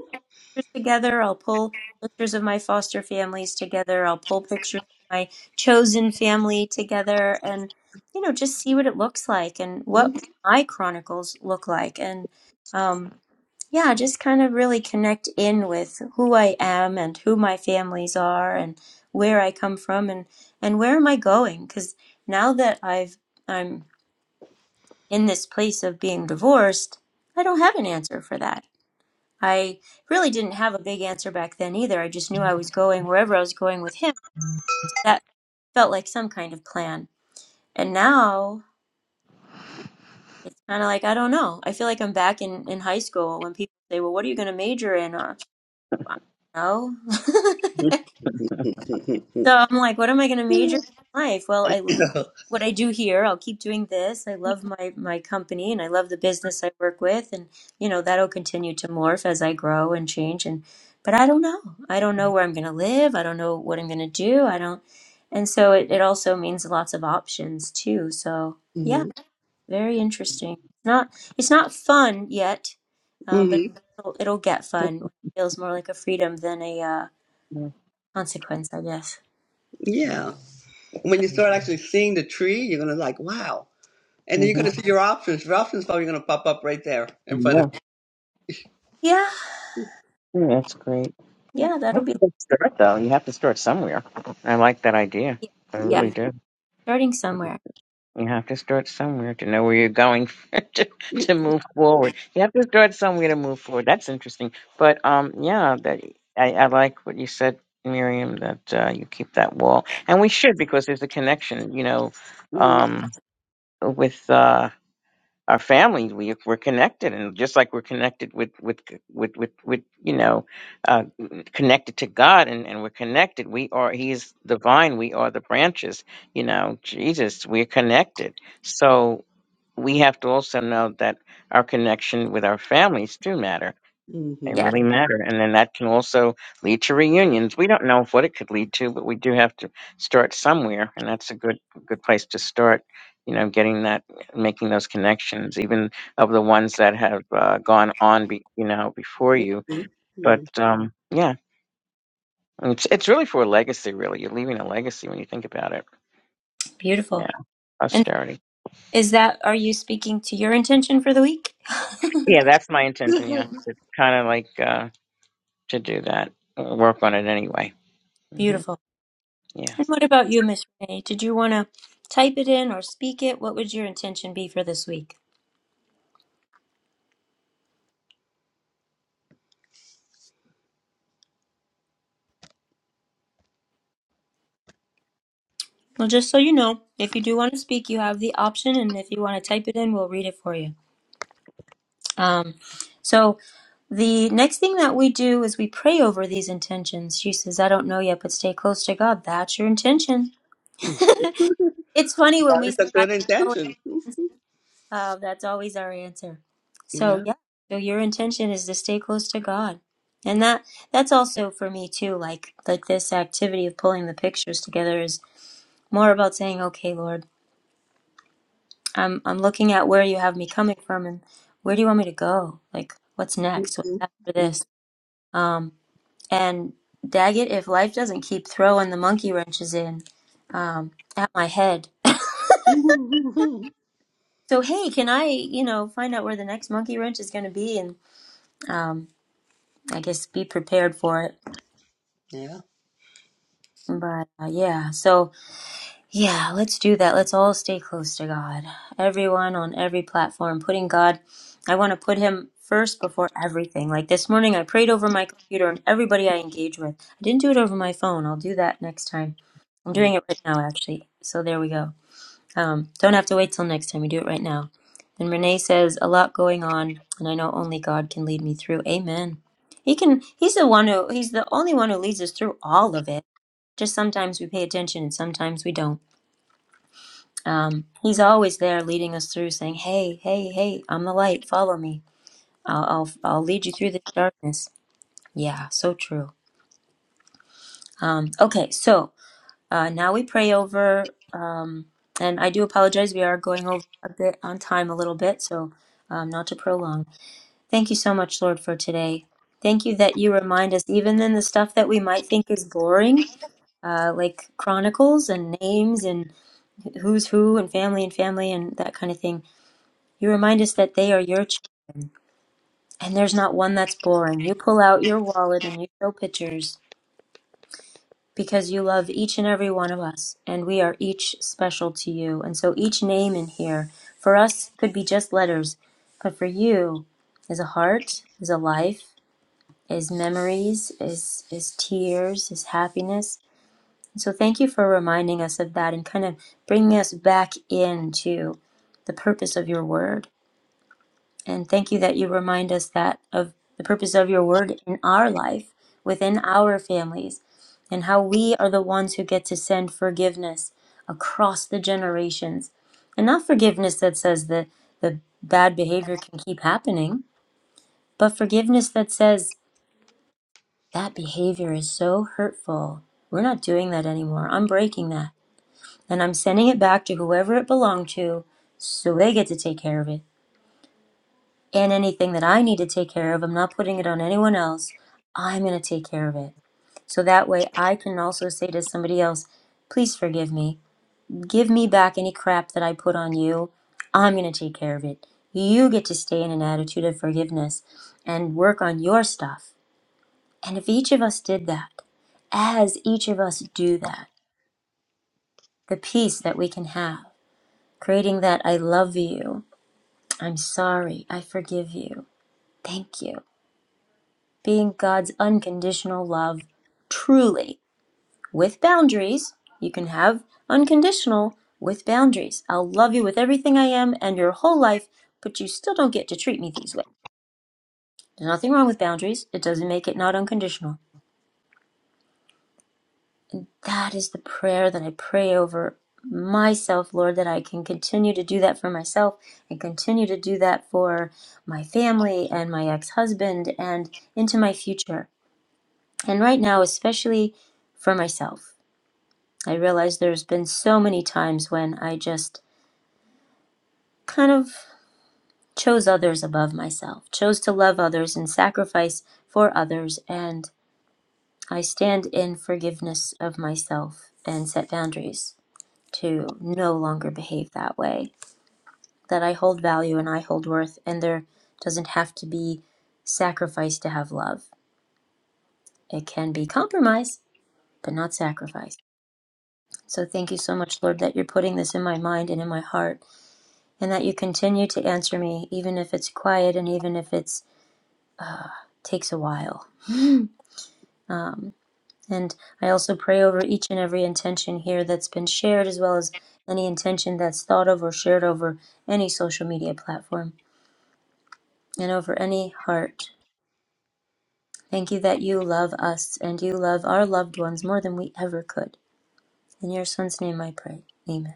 pictures together. I'll pull pictures of my foster families together. I'll pull pictures of my chosen family together and, you know, just see what it looks like and what hmm my chronicles look like. And um, yeah, just kind of really connect in with who I am and who my families are and where I come from and, and where am I going? Because now that I've I'm in this place of being divorced, I don't have an answer for that. I really didn't have a big answer back then either. I just knew I was going wherever I was going with him. So that felt like some kind of plan. And now it's kind of like, I don't know. I feel like I'm back in, in high school when people say, Well, what are you going to major in? Uh, I don't know. so I'm like, What am I going to major in life? Well, I what I do here. I'll keep doing this. I love my my company and I love the business I work with and you know that'll continue to morph as I grow and change and but I don't know. I don't know where I'm going to live. I don't know what I'm going to do. I don't and so it, it also means lots of options too. So yeah, very interesting. not it's not fun yet, um, but hmm it'll, it'll get fun. It feels more like a freedom than a uh, consequence, I guess. Mm-hmm. Yeah. when So you start actually seeing the tree, you're gonna like, wow. And then you're Mm-hmm. gonna see your options. Your options probably gonna pop up right there in front of Yeah. you. yeah, Mm, That's great. yeah, that'll That's be a good start, though. You have to start somewhere. I like that idea. yeah, I yeah, really do. starting somewhere. You have to start somewhere to know where you're going to, to move forward. You have to start somewhere to move forward. That's interesting. But um, yeah, that I, I like what you said, Miriam. That uh, you keep that wall, and we should because there's a connection. You know, Mm, um, with uh, our families, we, we're connected and just like we're connected with with with with, with you know uh, connected to god and, and we're connected we are he's the vine we are the branches you know jesus we're connected so we have to also know that our connection with our families do matter mm, they Yeah. mhm, really matter. And then that can also lead to reunions. We don't know what it could lead to, but we do have to start somewhere. And that's a good, good place to start, you know, getting that, making those connections, even of the ones that have uh, gone on, be, you know, before you. mm, But um, yeah, it's, it's really for a legacy, really. You're leaving a legacy when you think about it. Yeah, Beautiful. And posterity. is that, are you speaking to your intention for the week? Yeah, that's my intention. Yeah. mm. It's kind of like uh, to do that, uh, work on it anyway. hmm Beautiful. Yeah. And what about you, Miss Renee? Did you want to type it in or speak it? What would your intention be for this week? Well, just so you know, if you do want to speak, you have the option. And if you want to type it in, we'll read it for you. Um, so the next thing that we do is we pray over these intentions. She says, I don't know yet, but stay close to God. That's your intention. It's funny when That we is say, a I good don't know intention. Uh, that's always our answer. So Yeah. yeah, so your intention is to stay close to God, and that that's also for me too. Like like this activity of pulling the pictures together is more about saying, okay, Lord, I'm I'm looking at where you have me coming from, and where do you want me to go? Like what's next? What's Mhm, after mhm. this? Um, and Daggett, if life doesn't keep throwing the monkey wrenches in, um, at my head. So hey, can I, you know, find out where the next monkey wrench is going to be and um, I guess be prepared for it. Yeah. But uh, yeah, so yeah, let's do that. Let's all stay close to God. Everyone on every platform, putting God, I want to put Him first before everything. Like this morning, I prayed over my computer and everybody I engage with. I didn't do it over my phone. I'll do that next time. I'm Mm. doing it right now, actually. So there we go. Um, don't have to wait till next time. We do it right now. And Renee says, "A lot going on, and I know only God can lead me through." Amen. He can. He's the one who. He's the only one who leads us through all of it. Just sometimes we pay attention, and sometimes we don't. Um, he's always there, leading us through, saying, "Hey, hey, hey! I'm the light. Follow me. I'll, I'll, I'll lead you through this darkness." Yeah, so true. Um, okay, so uh, now we pray over. And I do apologize. We are going over a bit on time a little bit, so um, not to prolong. Thank you so much, Lord, for today. Thank you that you remind us, even in the stuff that we might think is boring, uh, like chronicles and names and who's who and family and family and that kind of thing, you remind us that they are your children and there's not one that's boring. You pull out your wallet and you show pictures because you love each and every one of us, and we are each special to you. And so each name in here, for us, could be just letters, but for you, is a heart, is a life, is memories, is is tears, is happiness. And so thank you for reminding us of that and kind of bringing us back into the purpose of your word and thank you that you remind us that of the purpose of your word in our life, within our families, and how we are the ones who get to send forgiveness across the generations. And not forgiveness that says the, the bad behavior can keep happening, but forgiveness that says that behavior is so hurtful. We're not doing that anymore. I'm breaking that. And I'm sending it back to whoever it belonged to so they get to take care of it and anything that I need to take care of, I'm not putting it on anyone else. I'm going to take care of it. So that way I can also say to somebody else, please forgive me. Give me back any crap that I put on you. I'm going to take care of it. You get to stay in an attitude of forgiveness and work on your stuff. And if each of us did that, as each of us do that, the peace that we can have, creating that I love you, I'm sorry, I forgive you, thank you being God's unconditional love truly with boundaries. You can have unconditional with boundaries. I'll love you with everything I am and your whole life, but you still don't get to treat me these ways. There's nothing wrong with boundaries, it doesn't make it not unconditional. That is the prayer that I pray over myself, Lord, that I can continue to do that for myself and continue to do that for my family and my ex husband and into my future. And right now, especially for myself. I realize there's been so many times when I just kind of chose others above myself, chose to love others and sacrifice for others, and I stand in forgiveness of myself and set boundaries to no longer behave that way. That I hold value and I hold worth, and there doesn't have to be sacrifice to have love. It can be compromise, but not sacrifice. So thank you so much, Lord, that you're putting this in my mind and in my heart and that you continue to answer me, even if it's quiet and even if it takes a while. And I also pray over each and every intention here that's been shared, as well as any intention that's thought of or shared over any social media platform and over any heart. Thank you that you love us and you love our loved ones more than we ever could. In your son's name I pray. Amen.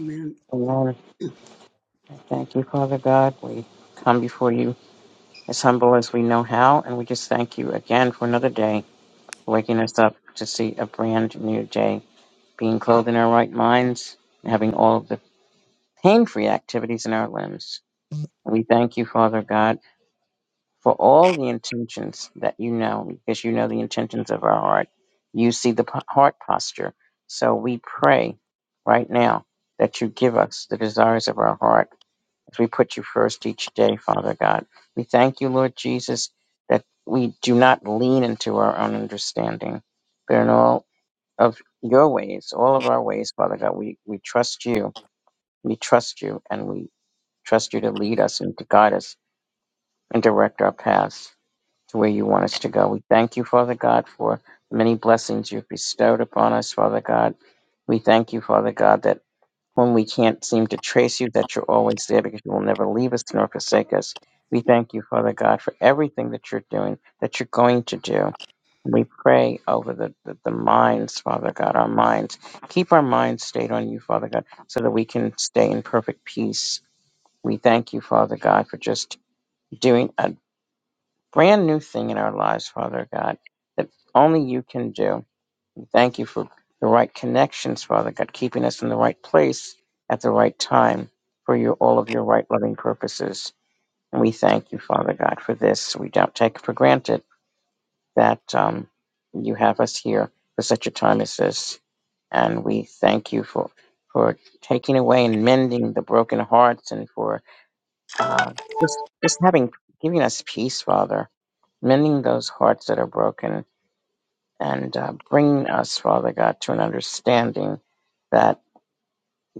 Amen. I Thank you, Father God. We come before you as humble as we know how, and we just thank you again for another day, waking us up to see a brand new day, being clothed in our right minds, and having all of the pain free activities in our limbs. And we thank you, Father God, for all the intentions that you know, because you know the intentions of our heart. You see the p- heart posture. So we pray right now that you give us the desires of our heart as we put you first each day, Father God. We thank you, Lord Jesus, that we do not lean into our own understanding, but in all of your ways, all of our ways, Father God, we, we trust you. We trust you, and we trust you to lead us and to guide us and direct our paths to where you want us to go. We thank you, Father God, for the many blessings you've bestowed upon us, Father God. We thank you, Father God, that whom we can't seem to trace you, that you're always there because you will never leave us nor forsake us. We thank you, Father God, for everything that you're doing, that you're going to do. we pray over the, the, the minds, Father God, our minds. Keep our minds stayed on you, Father God, so that we can stay in perfect peace. We thank you, Father God, for just doing a brand new thing in our lives, Father God, that only you can do. We thank you for the right connections, Father God, keeping us in the right place at the right time for your all of your right loving purposes. And we thank you, Father God, for this. We don't take for granted that um, you have us here for such a time as this. And we thank you for for taking away and mending the broken hearts and for uh, just just having giving us peace, Father, mending those hearts that are broken and uh, bringing us, Father God, to an understanding that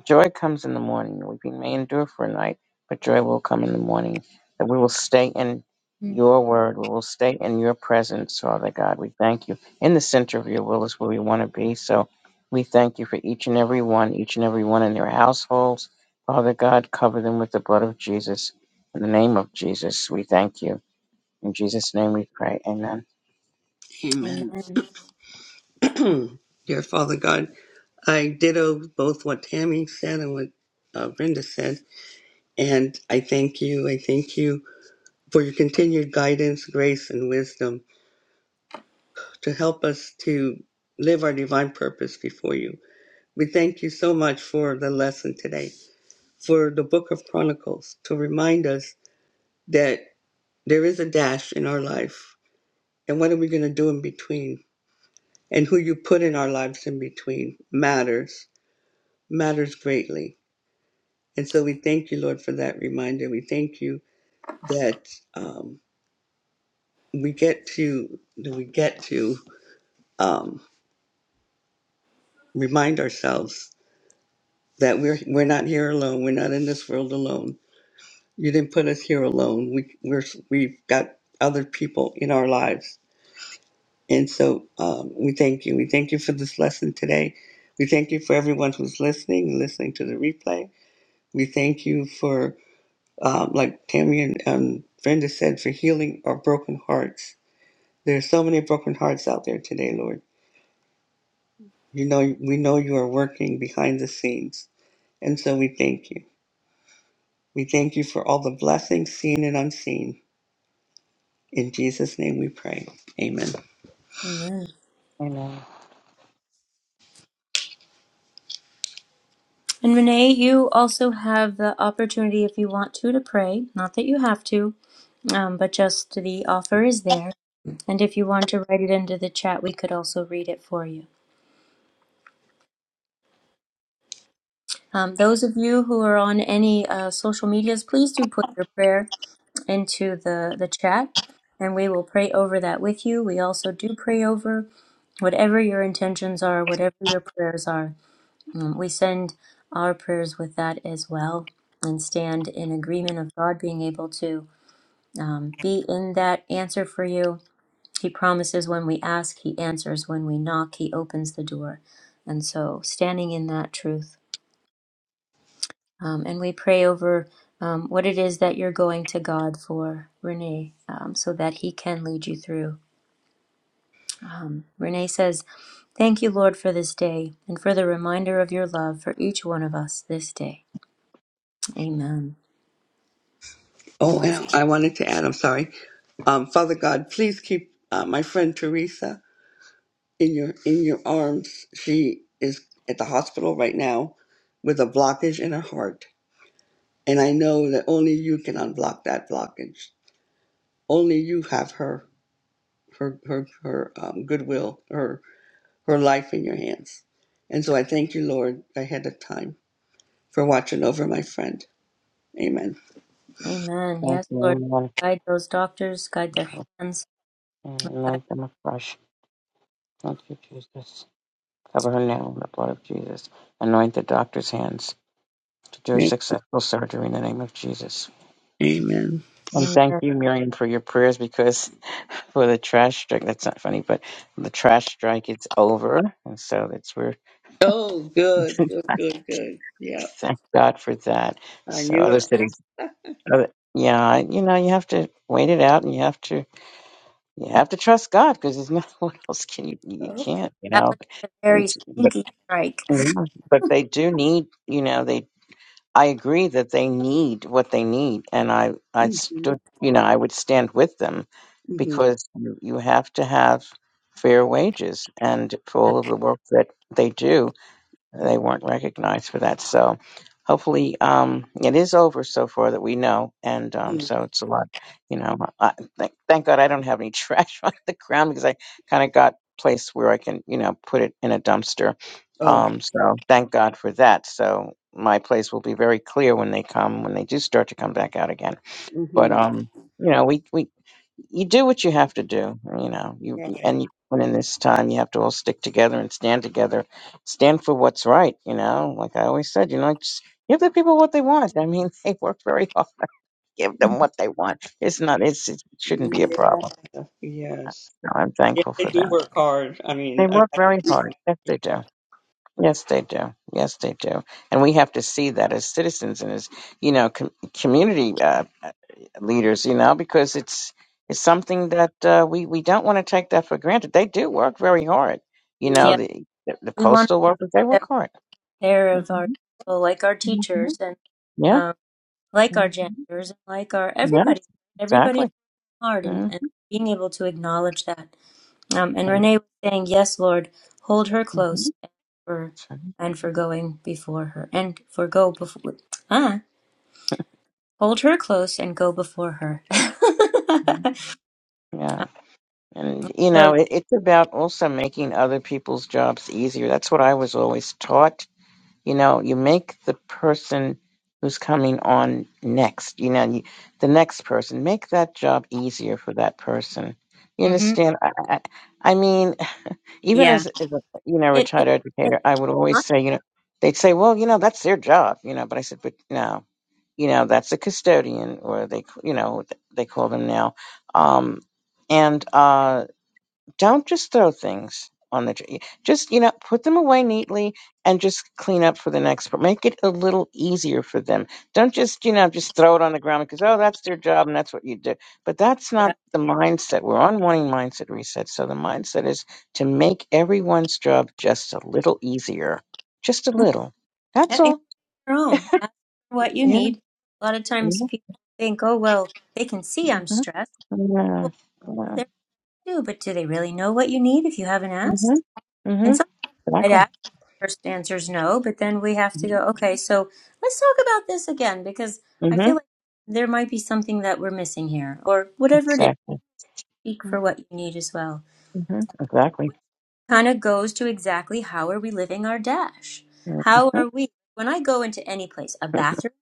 joy comes in the morning. Weeping may endure for a night, but joy will come in the morning. That we will stay in Mm. your word. We will stay in your presence, Father God. We thank you. In the center of your will is where we want to be. So we thank you for each and every one, each and every one in their households. Father God, cover them with the blood of Jesus. In the name of Jesus, we thank you. In Jesus' name we pray. Amen. Amen. Amen. Dear Father God, I ditto both what Tammy said and what uh, Brenda said. And I thank you. I thank you for your continued guidance, grace, and wisdom. to help us to live our divine purpose before you. We thank you so much for the lesson today, for the book of Chronicles, to remind us that there is a dash in our life. And what are we going to do in between? And who you put in our lives in between matters, matters greatly. And so we thank you, Lord, for that reminder. We thank you that um, we get to, that we get to um, remind ourselves that we're we're not here alone. We're not in this world alone. You didn't put us here alone. We we're we've got other people in our lives, and so um, we thank you. We thank you for this lesson today. We thank you for everyone who's listening and listening to the replay. We thank you for, um, like Tammy and um, Brenda said, for healing our broken hearts. There are so many broken hearts out there today, Lord. You know, we know you are working behind the scenes, and so we thank you. We thank you for all the blessings seen and unseen. In Jesus' name we pray. Amen. Amen. Amen. And Renee, you also have the opportunity, if you want to, to pray. Not that you have to, Um, but just the offer is there. And if you want to write it into the chat, we could also read it for you. Um, those of you who are on any uh, social medias, please do put your prayer into the, the chat and we will pray over that with you. We also do pray over whatever your intentions are, whatever your prayers are. Um, we send our prayers with that as well and stand in agreement of God being able to um, be in that answer for you He promises when we ask, He answers. When we knock, He opens the door. And so, standing in that truth. Um, and we pray over um, what it is that you're going to God for, Renee, um, so that He can lead you through. Um, Renee says, Thank you, Lord, for this day and for the reminder of your love for each one of us this day. Amen. Oh, Yes. and I wanted to add, I'm sorry. Um, Father God, please keep uh, my friend Teresa in your in your arms. She is at the hospital right now with a blockage in her heart. And I know that only you can unblock that blockage. Only you have her her her, her um, goodwill, her her life in your hands. And so I thank you, Lord, ahead of time for watching over my friend. Amen. Amen. Thank Yes, you, Lord. everyone. Guide those doctors, guide their hands. and Guide- Anoint them afresh. Thank you, Jesus. Cover her now in the blood of Jesus. Anoint the doctor's hands to do a A- successful surgery in the name of Jesus. Amen. And Amen. thank you, That Miriam, for your prayers because for the trash strike, that's not funny, but the trash strike is over. And so that's where, Oh, good, good, good, good. Yeah, thank God for that. I So knew other it. cities, other, yeah, you know, you have to wait it out and you have to, you have to trust God because there's not, what else can you, you Okay. can't, you know. would be a very And, stinky strike. Yeah, but they do need, you know, they, I agree that they need what they need. And I, I Mm-hmm. stood, you know, I would stand with them Mm-hmm. because you you have to have fair wages and for Yes. all of the work that they do. They weren't recognized for that. So hopefully um, it is over so far that we know. And um, mm-hmm. so it's a lot, you know, I, thank, thank God I don't have any trash on the ground because I kind of got place where I can, you know, put it in a dumpster. Oh, Um, so thank God for that. So my place will be very clear when they come, when they do start to come back out again. But hmm um, you know, we we you do what you have to do. You know, you you- right. and you, and in this time, you have to all stick together and stand together, stand for what's right. You know, like I always said, you know, just give the people what they want. I mean, they work very hard. Give them Mhm. what they want. It's not. It's it shouldn't be a Yeah. problem. So Yes. I'm Yeah, thankful they for do that. work hard. I mean, They I, work I very yeah. hard. Yes, they do. Yes, they do. Yes, they do. And we have to see that as citizens and as you know, com- community. Uh, leaders, you know, because it's it's something that uh, we we don't want to take that for granted. They do work very hard, you Mm-hmm. know. Yeah, The the, the we want to postal make workers they sure work that hard. we're aware hmm of our people, like our hmm teachers and Yeah. um, like hmm our janitors and like our everybody. Yes. Everybody's Exactly. hard and, mm and being able to acknowledge that. Um, and And Renee was saying, "Yes, Lord, hold her close mhm. and for So, and for going before her and for go before." hold her close and go before her. yeah, and you know, so, it, it's about also making other people's jobs easier. That's what I was always taught You know, you make the person who's coming on next, you know, you, the next person, make that job easier for that person. You hmm understand? I, I, I mean, even yeah, as, as a, you know, it, it retired it's educator, I would always not, say, you know, they'd say, well, you know, that's their job, you know, but I said, but no, you know, that's a custodian or they, you know, they call them now. Um, and, uh, don't just throw things on the tree. Just, you know, put them away neatly and just clean up for the next person. Make it a little easier for them. Don't just, you know, just throw it on the ground because, oh, that's their job and that's what you do. But that's yeah, not the mindset. We're on morning mindset reset. So the mindset is to make everyone's job just a little easier. Just a Mhm. little. That's and include all. your own. Ask for what you Yeah. need. A lot of Yeah. times people think, oh well, they can see I'm Mm-hmm. stressed. Yeah. Well, no, yeah. they do, but do they really know what you need if you haven't Mm-hmm. asked? And Mm-hmm. sometimes I'd Exactly. ask. First answer is no, but then we have to Mm-hmm. go. Okay, so let's talk about this again because I Mm-hmm. feel like there might be something that we're missing here, or whatever it is. Exactly. Speak for what you need as well. Mm-hmm. Exactly. kind of goes to exactly how are we living our dash? Mhm. How are we? When I go into any place, a That's bathroom,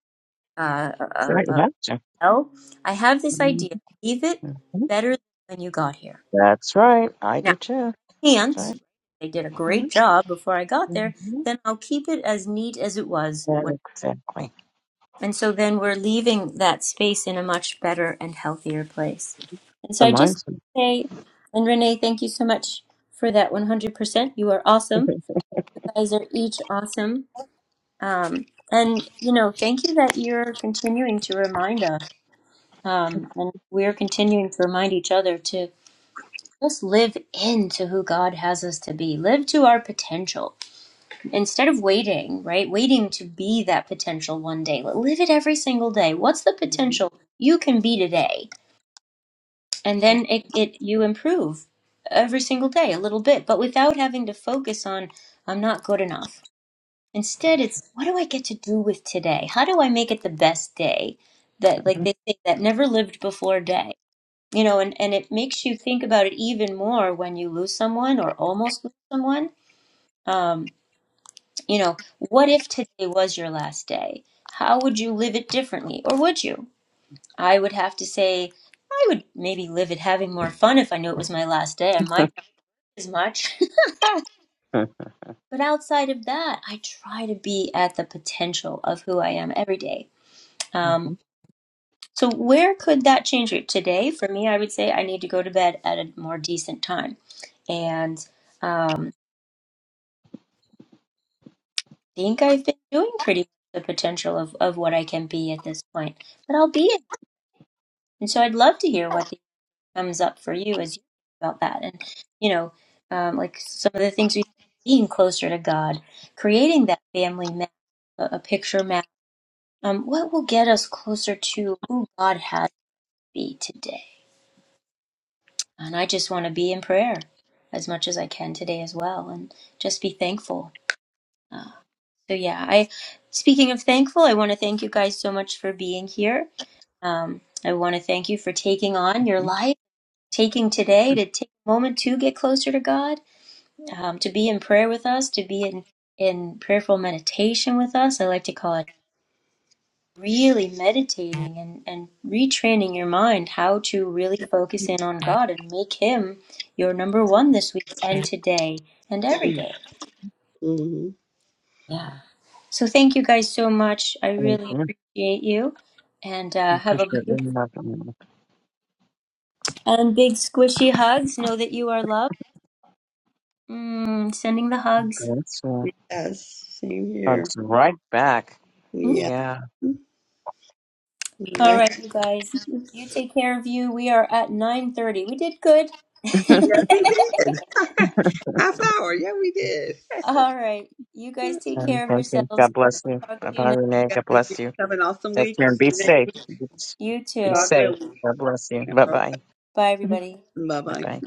uh, a, a, right. You a have to. well, I have this Mhm. idea: leave it Mhm. better than when you got here. That's right. I do Now, too. I That's can't right. they did a hmm great job before I got there? hmm Then I'll keep it as neat as it was when. Exactly. And so then we're leaving that space in a much better and healthier place. And The so I just mindset. say, and Renee, thank you so much for that 100%. You are awesome. You guys are each awesome. Um, and, you know, thank you that you're continuing to remind us, um, and we're continuing to remind each other to just live into who God has us to be, live to our potential instead of waiting, right? Waiting to be that potential one day. Live it every single day. What's the Mm-hmm. potential you can be today? And then it, it you improve every single day a little bit, but without having to focus on, I'm not good enough. Instead, it's what do I get to do with today? How do I make it the best day that, like they say, that never lived before day? You know, and, and it makes you think about it even more when you lose someone or almost lose someone. Um, you know, what if today was your last day? How would you live it differently? Or would you? I would have to say, I would maybe live it having more fun if I knew it was my last day. I might not as much. But outside of that, I try to be at the potential of who I am every day Mm-hmm. Um, so where could that change you today? For me, I would say I need to go to bed at a more decent time, and um, I think I've been doing pretty much the potential of of what I can be at this point. But I'll be it, and so I'd love to hear what the, comes up for you as you think about that, and you know, um, like some of the things we being closer to God, creating that family map, a, a picture map. Um, what will get us closer to who God has to be today? And I just want to be in prayer as much as I can today as well and just be thankful. Uh, so, yeah, I, speaking of thankful, I want to thank you guys so much for being here. Um, I want to thank you for taking on your life, taking today to take a moment to get closer to God, um, to be in prayer with us, to be in, in prayerful meditation with us. I like to call it really meditating and, and retraining your mind how to really focus in on God and make Him your number one this week and today and every day. Mm-hmm. Yeah. Yeah. So thank you guys so much. I I really appreciate you. And uh, have a appreciate it. big, Really love it. and big squishy hugs. Know that you are loved. Mm, sending the hugs. That's uh, Yes, same here. hugs right back. Mm. Yeah. Yeah. All Right. right, you guys. You take care of you. We are at nine thirty. We did good. Yeah, we did. Half hour. Yeah, we did. All right. You guys take And care of thank you. yourselves. God bless We'll you. talk Bye to you bye, next. Renee. Guys, God bless you. Have an awesome Take week. care and See be you next week. safe. Be You be God too. safe. willing. God bless you. Bye bye. Bye, Bye everybody. Bye bye. bye.